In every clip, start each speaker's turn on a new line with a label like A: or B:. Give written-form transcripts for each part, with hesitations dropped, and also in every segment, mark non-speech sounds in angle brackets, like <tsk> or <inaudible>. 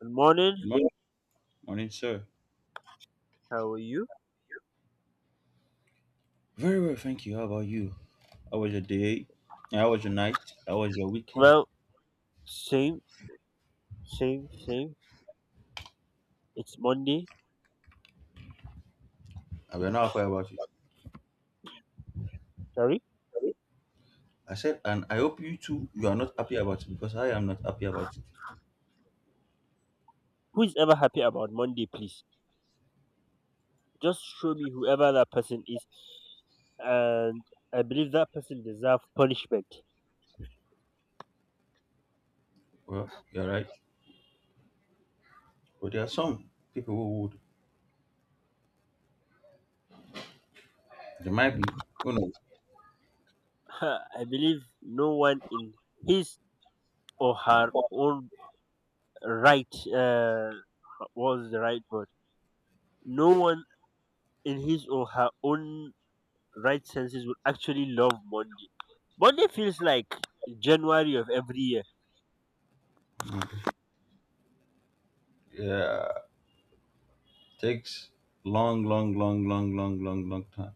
A: Good morning.
B: Good morning, sir.
A: How are you?
B: Very well, thank you. How about you? How was your day? How was your night? How was your weekend?
A: Well, same, same, same. It's Monday.
B: And we're not happy about it.
A: Sorry.
B: I said, and I hope you too, you are not happy about it because I am not happy about it.
A: Who is ever happy about Monday, please? Just show me whoever that person is. And I believe that person deserves punishment.
B: Well, you're right. But there are some people who would. There might be. Who knows?
A: <laughs> I believe no one in his or her own right, uh, what was the right word? No one in his or her own right senses would actually love Monday. Monday feels like January of every year.
B: Mm. Yeah, takes long, long, long, long, long, long, long time.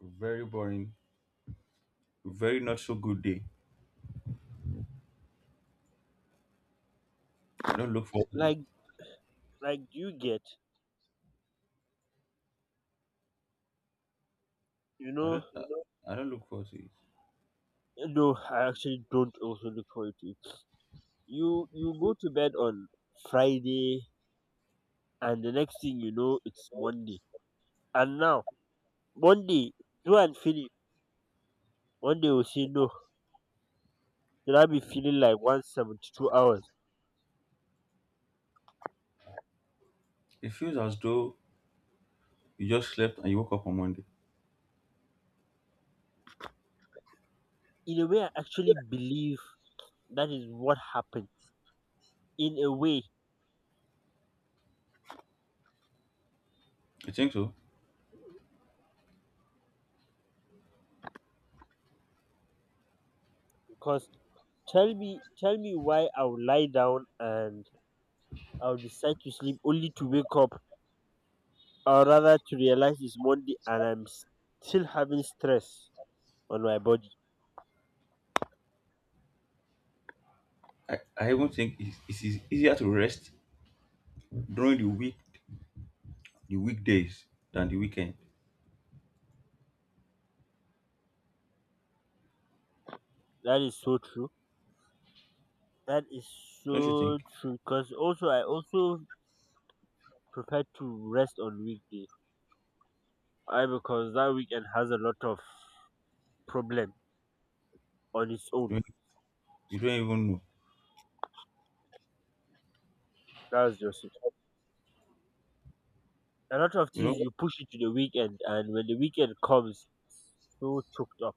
B: Very boring. Very not so good day. I don't look forward to it.
A: Like Like you get, you
B: I
A: know,
B: don't. I don't look forward to it.
A: No, I actually don't also look forward to it. You go to bed on Friday, and the next thing you know, it's Monday. And now Monday, do and finish. Monday will say no. Then I'll be feeling like 172 hours.
B: It feels as though you just slept and you woke up on Monday.
A: In a way, I actually believe that is what happened. In a way,
B: I think so.
A: because tell me why I will lie down, and I'll decide to sleep only to wake up, or rather to realize it's Monday and I'm still having stress on my body.
B: I even think it's easier to rest during the weekdays than the weekend.
A: That is so true. That is
B: Don't you
A: so
B: think?
A: true. Because also, I also prefer to rest on weekdays. I Because that weekend has a lot of problem on its own.
B: You don't, you don't even know.
A: That's just it. A lot of
B: You
A: things
B: know,
A: you push it to the weekend, and when the weekend comes, so choked up.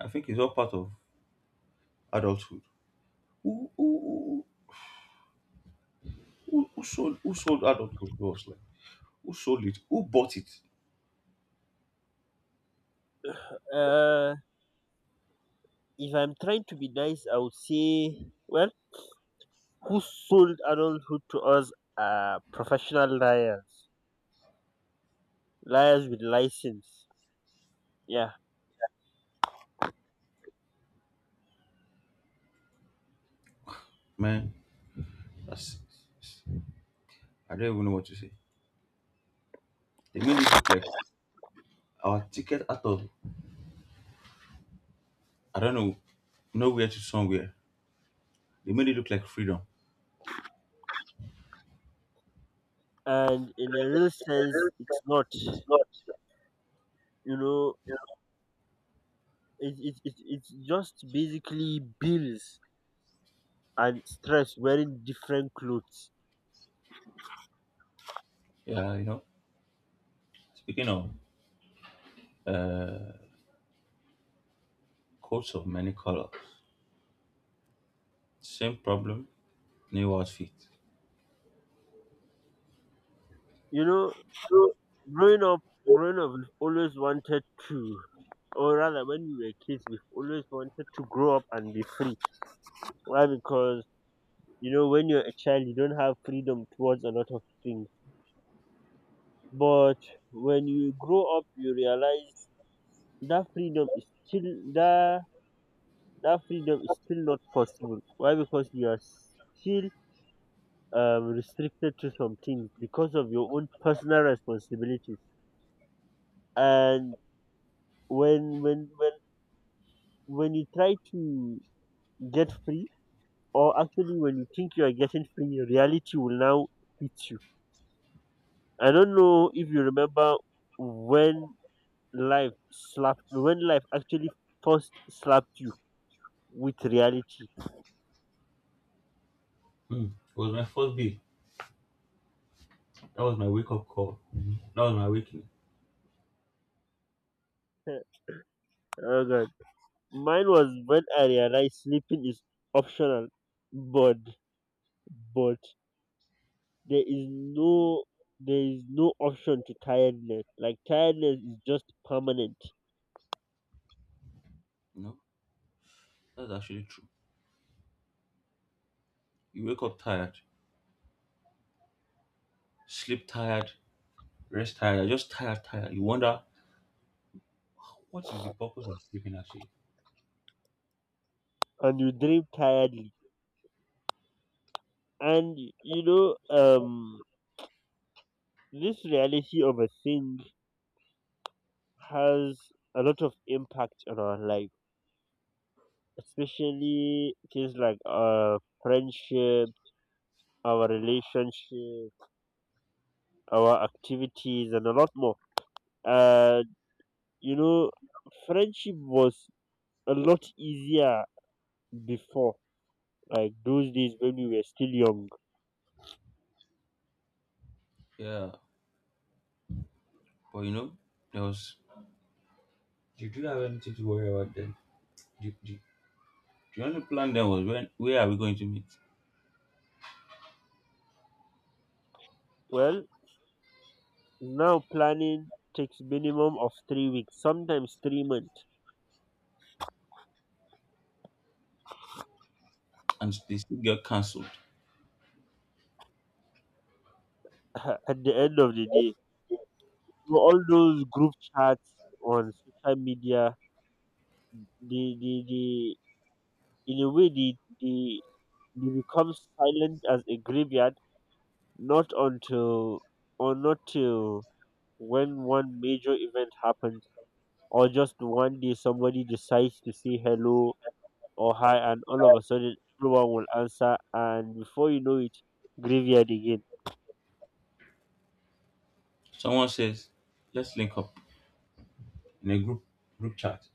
B: I think it's all part of adulthood. Who who, who sold adulthood to us? Like who sold it? Who bought it?
A: Uh, if I'm trying to be nice, I would say, well, who sold adulthood to us are professional liars with license. Yeah,
B: Man, that's I don't even know what to say. They made it look like our ticket out of, I don't know, nowhere to somewhere. They made it look like freedom.
A: and in a real sense, it's not. You know, it's just basically bills and stress wearing different clothes.
B: Yeah, you know. Speaking of, uh, coats of many colors. Same problem, new outfit.
A: You know, growing up, growing up, we've always wanted to, or rather, when we were kids, we've always wanted to grow up and be free. Why? Because when you're a child, you don't have freedom towards a lot of things. But when you grow up, you realize that freedom is still that that freedom is still not possible. Why? Because you are still restricted to some things because of your own personal responsibilities. And when when when when you try to get free, or actually when you think you are getting free, reality will now hit you. I don't know if you remember when life actually first slapped you with reality.
B: Hmm. It was my first day. That was my wake up call. Mhm. That was my awakening.
A: <laughs> Oh God. Mine was when I realized sleeping is optional, but but there is no there is no option to tiredness. Like tiredness is just permanent,
B: You know, that's actually true. You wake up tired, sleep tired, rest tired, you're just tired, tired. You wonder what is the purpose of sleeping actually?
A: and you dream tiredly. And you know, um, this reality of a thing has a lot of impact on our life, especially things like our friendship, our relationship, our activities, and a lot more. Uh you know Friendship was a lot easier before, like those days when we were still young.
B: Yeah, but you know, there was you didn't have anything to worry about then. Do do The only plan then was when where are we going to meet?
A: Well, now planning takes minimum of 3 weeks, sometimes 3 months.
B: And they still get cancelled.
A: <laughs> At the end of the day, so all those group chats on social media, they in a way, they become silent as a graveyard, not until, or not till, when one major event happens, or just one day somebody decides to say hello or hi, and all of a sudden everyone will answer, and before you know it, graveyard again.
B: Someone says, let's link up in a group chat.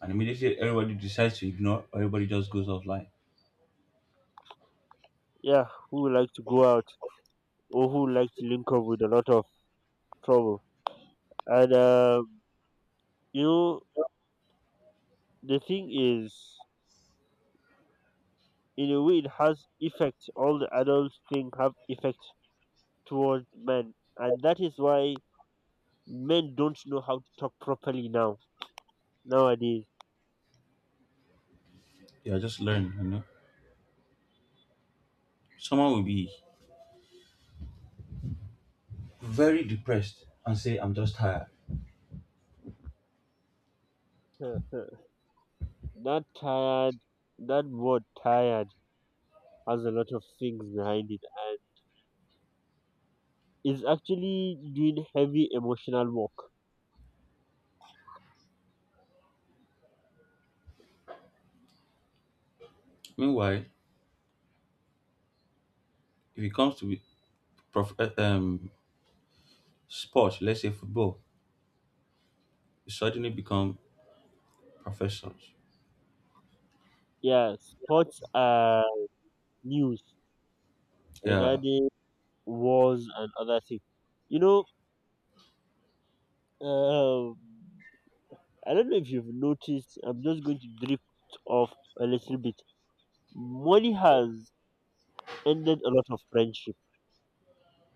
B: And immediately everybody decides to ignore, or everybody just goes offline.
A: Yeah, who would like to go out, or who would like to link up with a lot of trouble? And you know the thing is, in a way, it has effect, all the adults think have effect, towards men, and that is why men don't know how to talk properly nowadays.
B: Yeah, just learn, you know, someone will be very depressed and say I'm just tired.
A: Huh. that tired that word tired has a lot of things behind it, and is actually doing heavy emotional work.
B: Meanwhile, if it comes to be prof- uh, um sport, let's say football, you suddenly become professors.
A: Yeah, sports are news
B: Yeah.
A: regarding wars and other things. You know, um, I don't know if you've noticed, I'm just going to drift off a little bit. Money has ended a lot of friendship,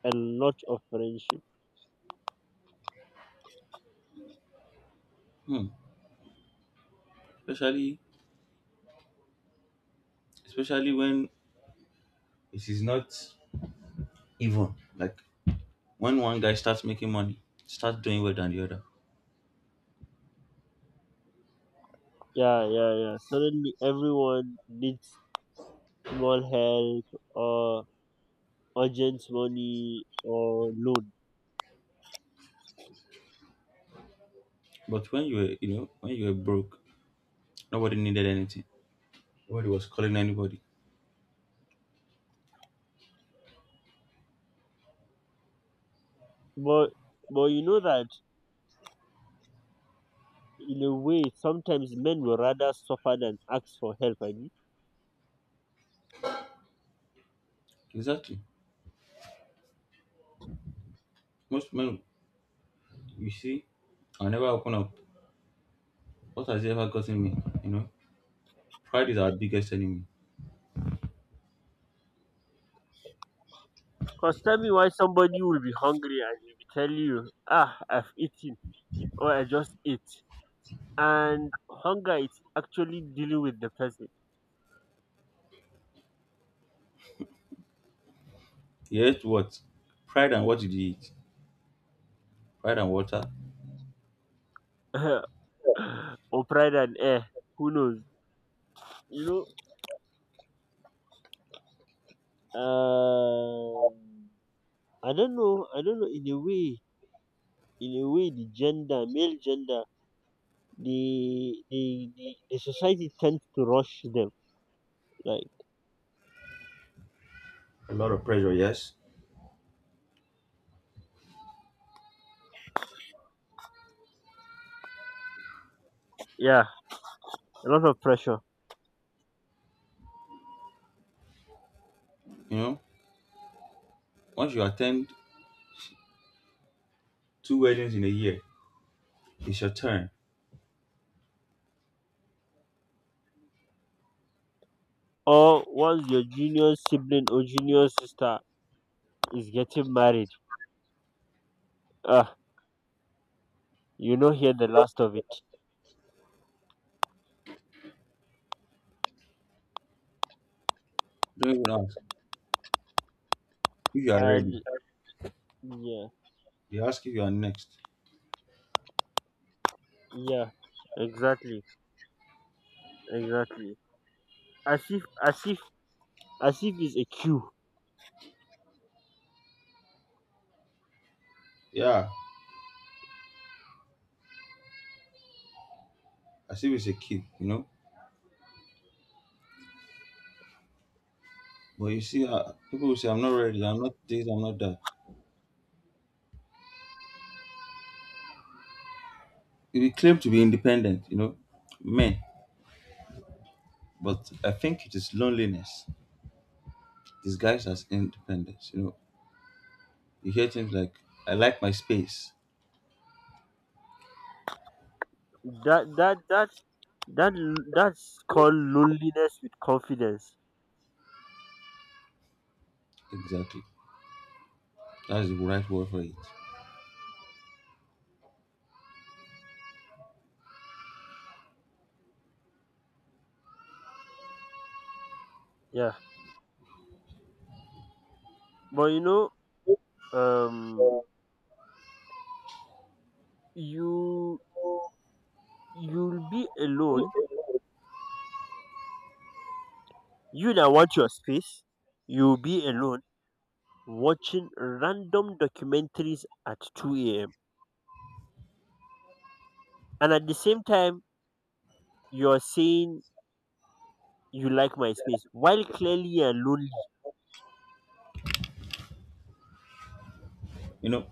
A: a lot of friendship.
B: Hmm. especially especially when it is not even like when one guy starts making money, starts doing well than the other.
A: Yeah, yeah, yeah. Suddenly everyone needs small help, or urgent money, or loan.
B: But when you were you know when you were broke, nobody needed anything, nobody was calling anybody.
A: But but you know that, in a way, sometimes men will rather suffer than ask for help. I mean,
B: Exactly. Most men, you see, I never open up. What has he ever gotten me? You know, pride is our biggest enemy.
A: cause tell me why somebody will be hungry and he will tell you, ah, I've eaten, or I just ate, and hunger is actually dealing with the person.
B: Yes, what? Pride and what did you eat? Pride and water.
A: <laughs> Or pride and air. Who knows? You know, I don't know. I don't know. In a way, the gender, male gender, the society tends to rush them. Like,
B: A lot of pressure, yes.
A: yeah, a lot of pressure.
B: You know, once you attend two weddings in a year, it's your turn.
A: Or once your junior sibling or junior sister is getting married, ah, hear the last of it.
B: Don't even ask if you are ready.
A: And yeah,
B: They ask if you are next.
A: yeah, exactly, exactly. As if, as if, as if it's a cue.
B: Yeah, as if it's a kid, you know. But you see, people will say, I'm not ready, I'm not this, I'm not that. We claim to be independent, you know, men. But I think it is loneliness disguised as independence. You know, you hear things like, "I like my space."
A: That that that that that's called loneliness with confidence.
B: Exactly, that's the right word for it.
A: Yeah, but you know, um, you you'll be alone. You that want your space, you'll be alone watching random documentaries at 2 a.m. And at the same time, you're saying you like my space while clearly you're lonely.
B: You know,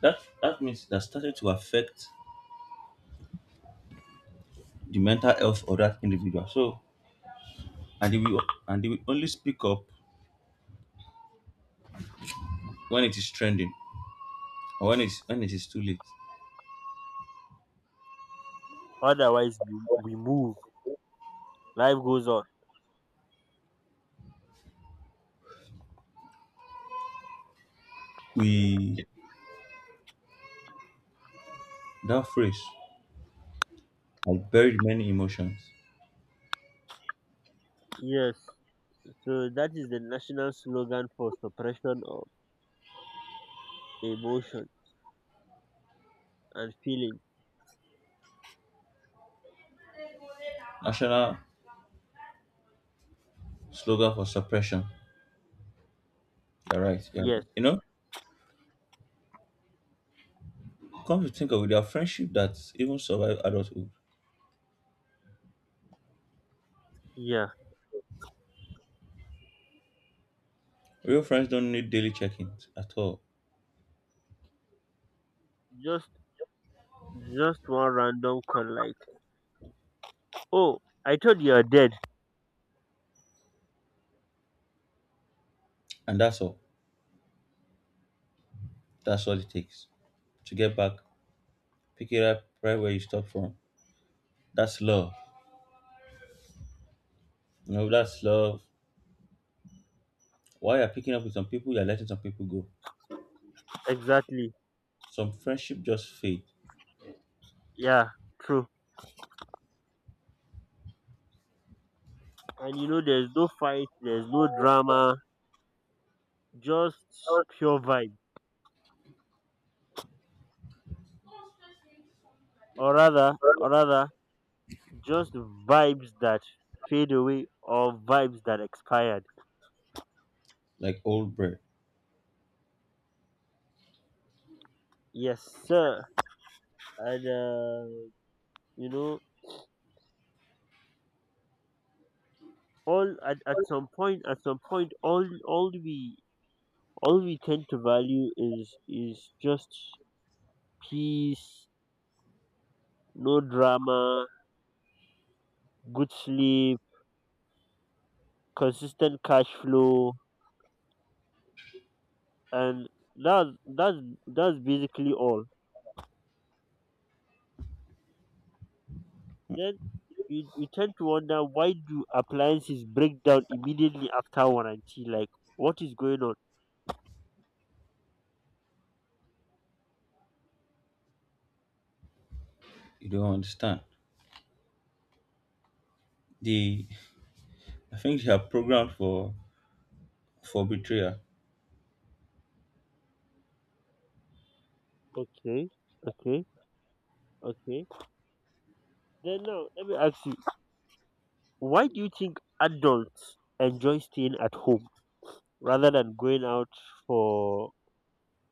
B: that means that started to affect the mental health of that individual. So, and they will and they will only speak up when it is trending, or when it is too late.
A: Otherwise, we move. Life goes on.
B: We That phrase has buried many emotions.
A: Yes. So that is the national slogan for suppression of emotion and feeling.
B: National slogan for suppression. You're right. Yeah,
A: Yes.
B: you know, come to think of it, there are friendship that even survive adulthood.
A: Yeah.
B: Real friends don't need daily check-ins at all.
A: Just just one random call like, oh, I thought you're dead.
B: And that's all. That's all it takes. To get back, pick it up right where you stop from. That's love. You know, that's love. While you're picking up with some people, you're letting some people go.
A: Exactly.
B: Some friendship just fade
A: Yeah. True. And you know, there's no fight, there's no drama, just pure vibe, or rather or rather just vibes that fade away, or vibes that expired.
B: like old bread.
A: Yes sir. And you know all at some point, all we tend to value is just peace, no drama, good sleep, consistent cash flow, and that's that's that's basically all. Then you tend to wonder, why do appliances break down immediately after warranty, like what is going on?
B: You don't understand. The I think they are programmed for betrayal.
A: Okay, okay, okay. Then now let me ask you, why do you think adults enjoy staying at home rather than going out for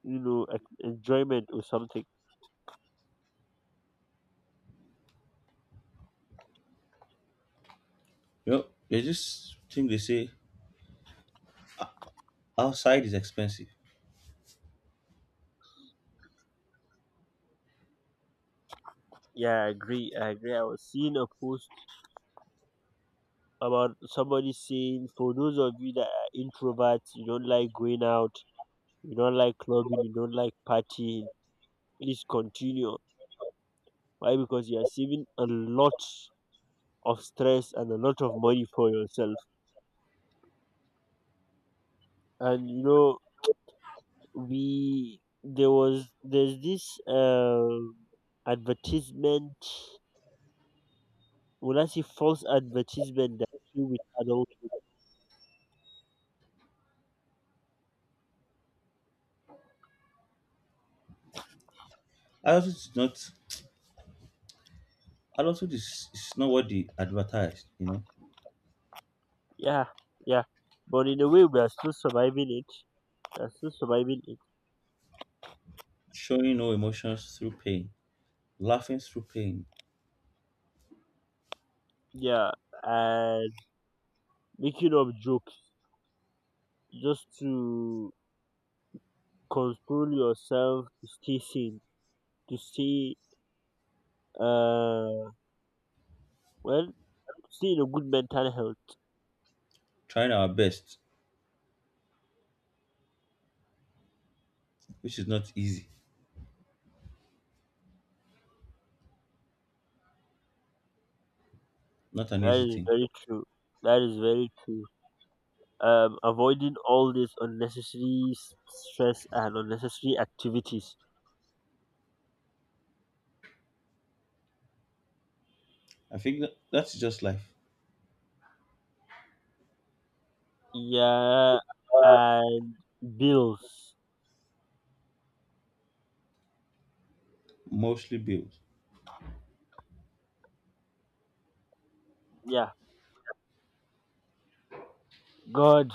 A: enjoyment or something?
B: You know, there's this thing they say, outside is expensive.
A: Yeah, I agree, I was seeing a post about somebody saying, for those of you that are introverts, you don't like going out, you don't like clubbing, you don't like partying, please continue. Why? Because you are saving a lot of stress and a lot of money for yourself. And you know, we there was there's this advertisement. Will I say false advertisement that you with adult?
B: Adulthood is not adulthood is not what they advertised, you know.
A: Yeah, yeah. But in a way, we are still surviving it. We are still surviving it.
B: Showing no emotions through pain, laughing through pain,
A: Yeah, and making up jokes just to console yourself, to stay sane, to stay, uh well, still a good mental health.
B: trying our best, which is not easy, not an
A: That
B: easy
A: is
B: thing.
A: very true. That is very true. Avoiding all this unnecessary stress and unnecessary activities.
B: I think that's just life,
A: Yeah, and bills.
B: mostly built.
A: Yeah, God,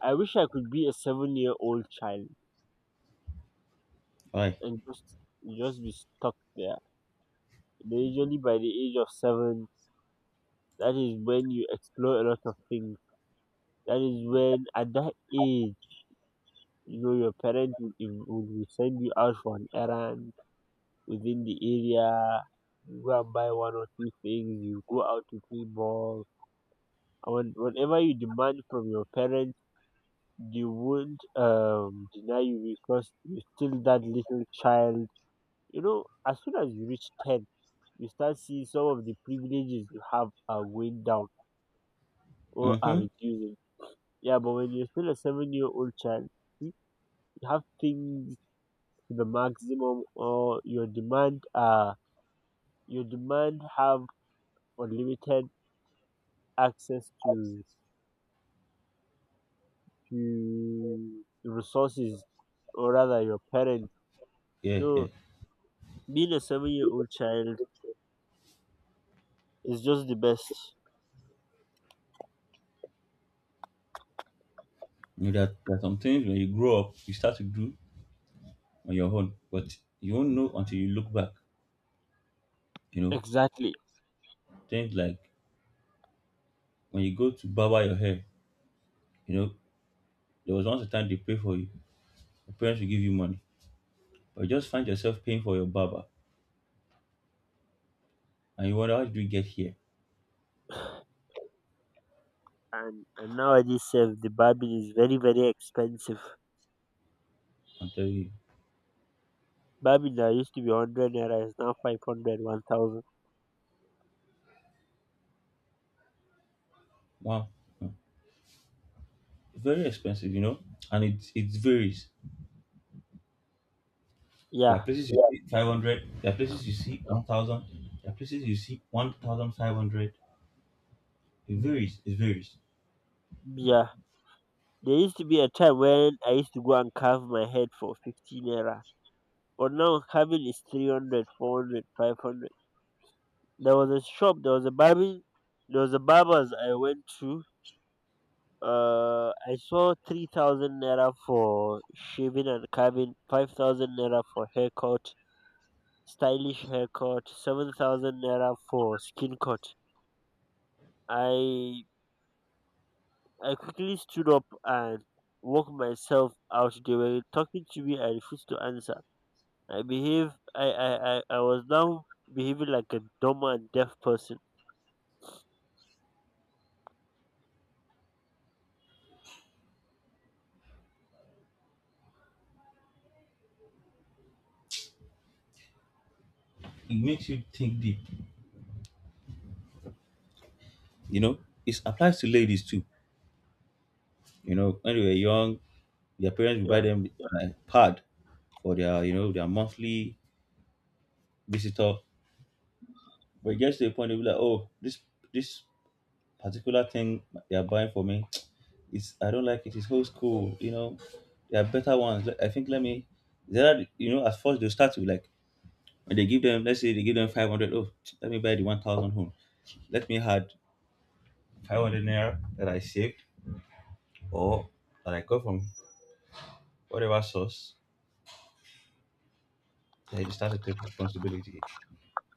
A: I wish I could be a seven-year-old child,
B: Why?
A: and just be stuck there. They usually by the age of 7, that is when you explore a lot of things. That is when, at that age, your parents will send you out for an errand within the area, you go and buy one or two things, you go out to play ball. And when, whenever you demand from your parents, they won't, deny you because you're still that little child. You know, as soon as you reach 10, you start seeing some of the privileges you have are going down, or are
B: Mm-hmm.
A: reducing. Yeah, but when you're still a 7-year old child, you you have things to the maximum, or your demand have unlimited access to resources, or rather your parents.
B: Yeah, yeah.
A: So being a 7-year old child is just the best.
B: You know, that there are some things when you grow up, you start to do on your own, but you won't know until you look back. You know,
A: Exactly.
B: things like when you go to barber your hair, you know, there was once a time they pay for you. Your parents will give you money, but you just find yourself paying for your barber, and you wonder, how did we get here?
A: And nowadays sef the barbie is very very expensive.
B: I'm telling you.
A: Barbie that used to be 100 naira is now 500, 1,000.
B: Wow. Mm. Very expensive, you know, and it varies. There
A: Yeah,
B: are places you see 500, there are places you see 1,000, there are places you see 1,500. It varies, it varies.
A: yeah, there used to be a time when I used to go and carve my head for 15 naira, but now carving is 300, 400, 500. There was a shop there was a barbing There was a barbers I went to. I saw 3,000 naira for shaving and carving, 5,000 naira for haircut, stylish haircut, 7,000 naira for skin cut. I i quickly stood up and walked myself out. They were talking to me, I refused to answer. I behave I was now behaving like a dumb and deaf person.
B: It makes you think deep, you know. It applies to ladies too. You know, when they were young, their parents would buy
A: Yeah.
B: them a pad for their monthly visitor. But it gets to a point they be like, oh, this particular thing they are buying for me, <tsk> it's I don't like it. It's old school, you know. There are better ones. I think, let me, there are, you know, at first they'll start to like, when they give them, let's say they give them 500, oh, let me buy the 1,000 home. Let me add 500 naira that I saved or that I got from whatever source. Then you start to take responsibility.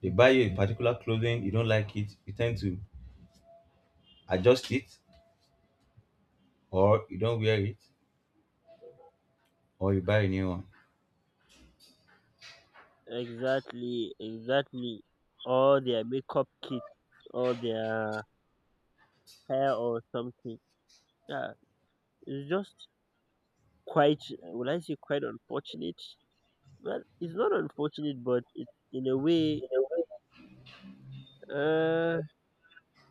B: They buy you a particular clothing, you don't like it, you tend to adjust it, or you don't wear it, or you buy a new one.
A: Exactly, exactly. Or their makeup kit, or their hair, or something. Yeah, it's just quite, would I say quite unfortunate? Well, it's not unfortunate, but it, in a way, uh,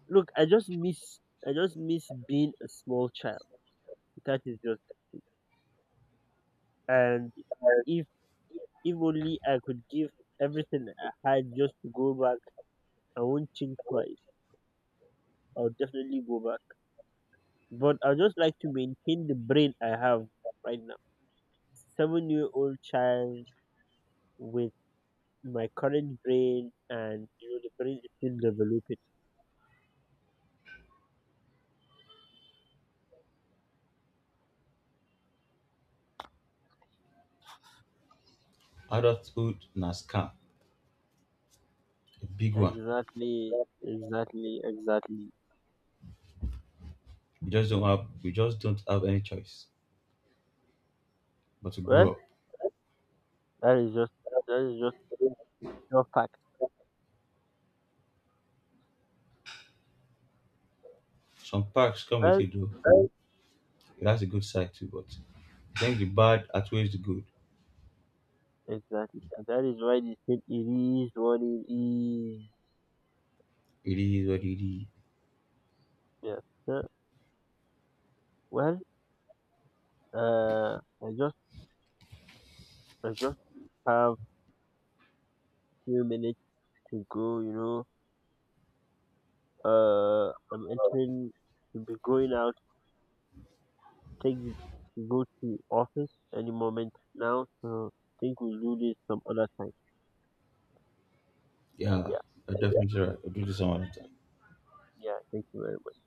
A: look, I just miss being a small child. That is just, and if, if only I could give everything I had just to go back, I won't think twice. I'll definitely go back. But I just like to maintain the brain I have right now. 7-year old child with my current brain, and you know the brain is still developing.
B: Adulthood na scam, a big one.
A: Exactly, exactly, exactly.
B: We just don't have any choice but to
A: Well,
B: grow up.
A: that is just that is just your fact.
B: Some perks come with
A: Well,
B: it though. That's a good side too, but I think the bad outweighs the good.
A: exactly. And that is why they said it is what it is.
B: It is what it is.
A: Yes. Sir. Well, uh, I just I just have few minutes to go. You know, I'm entering to be going out, take go to office any moment now, so I think we'll do this some other time. Like,
B: Yeah,
A: yeah,
B: I definitely right. I'll do this some other time.
A: yeah, thank you very much.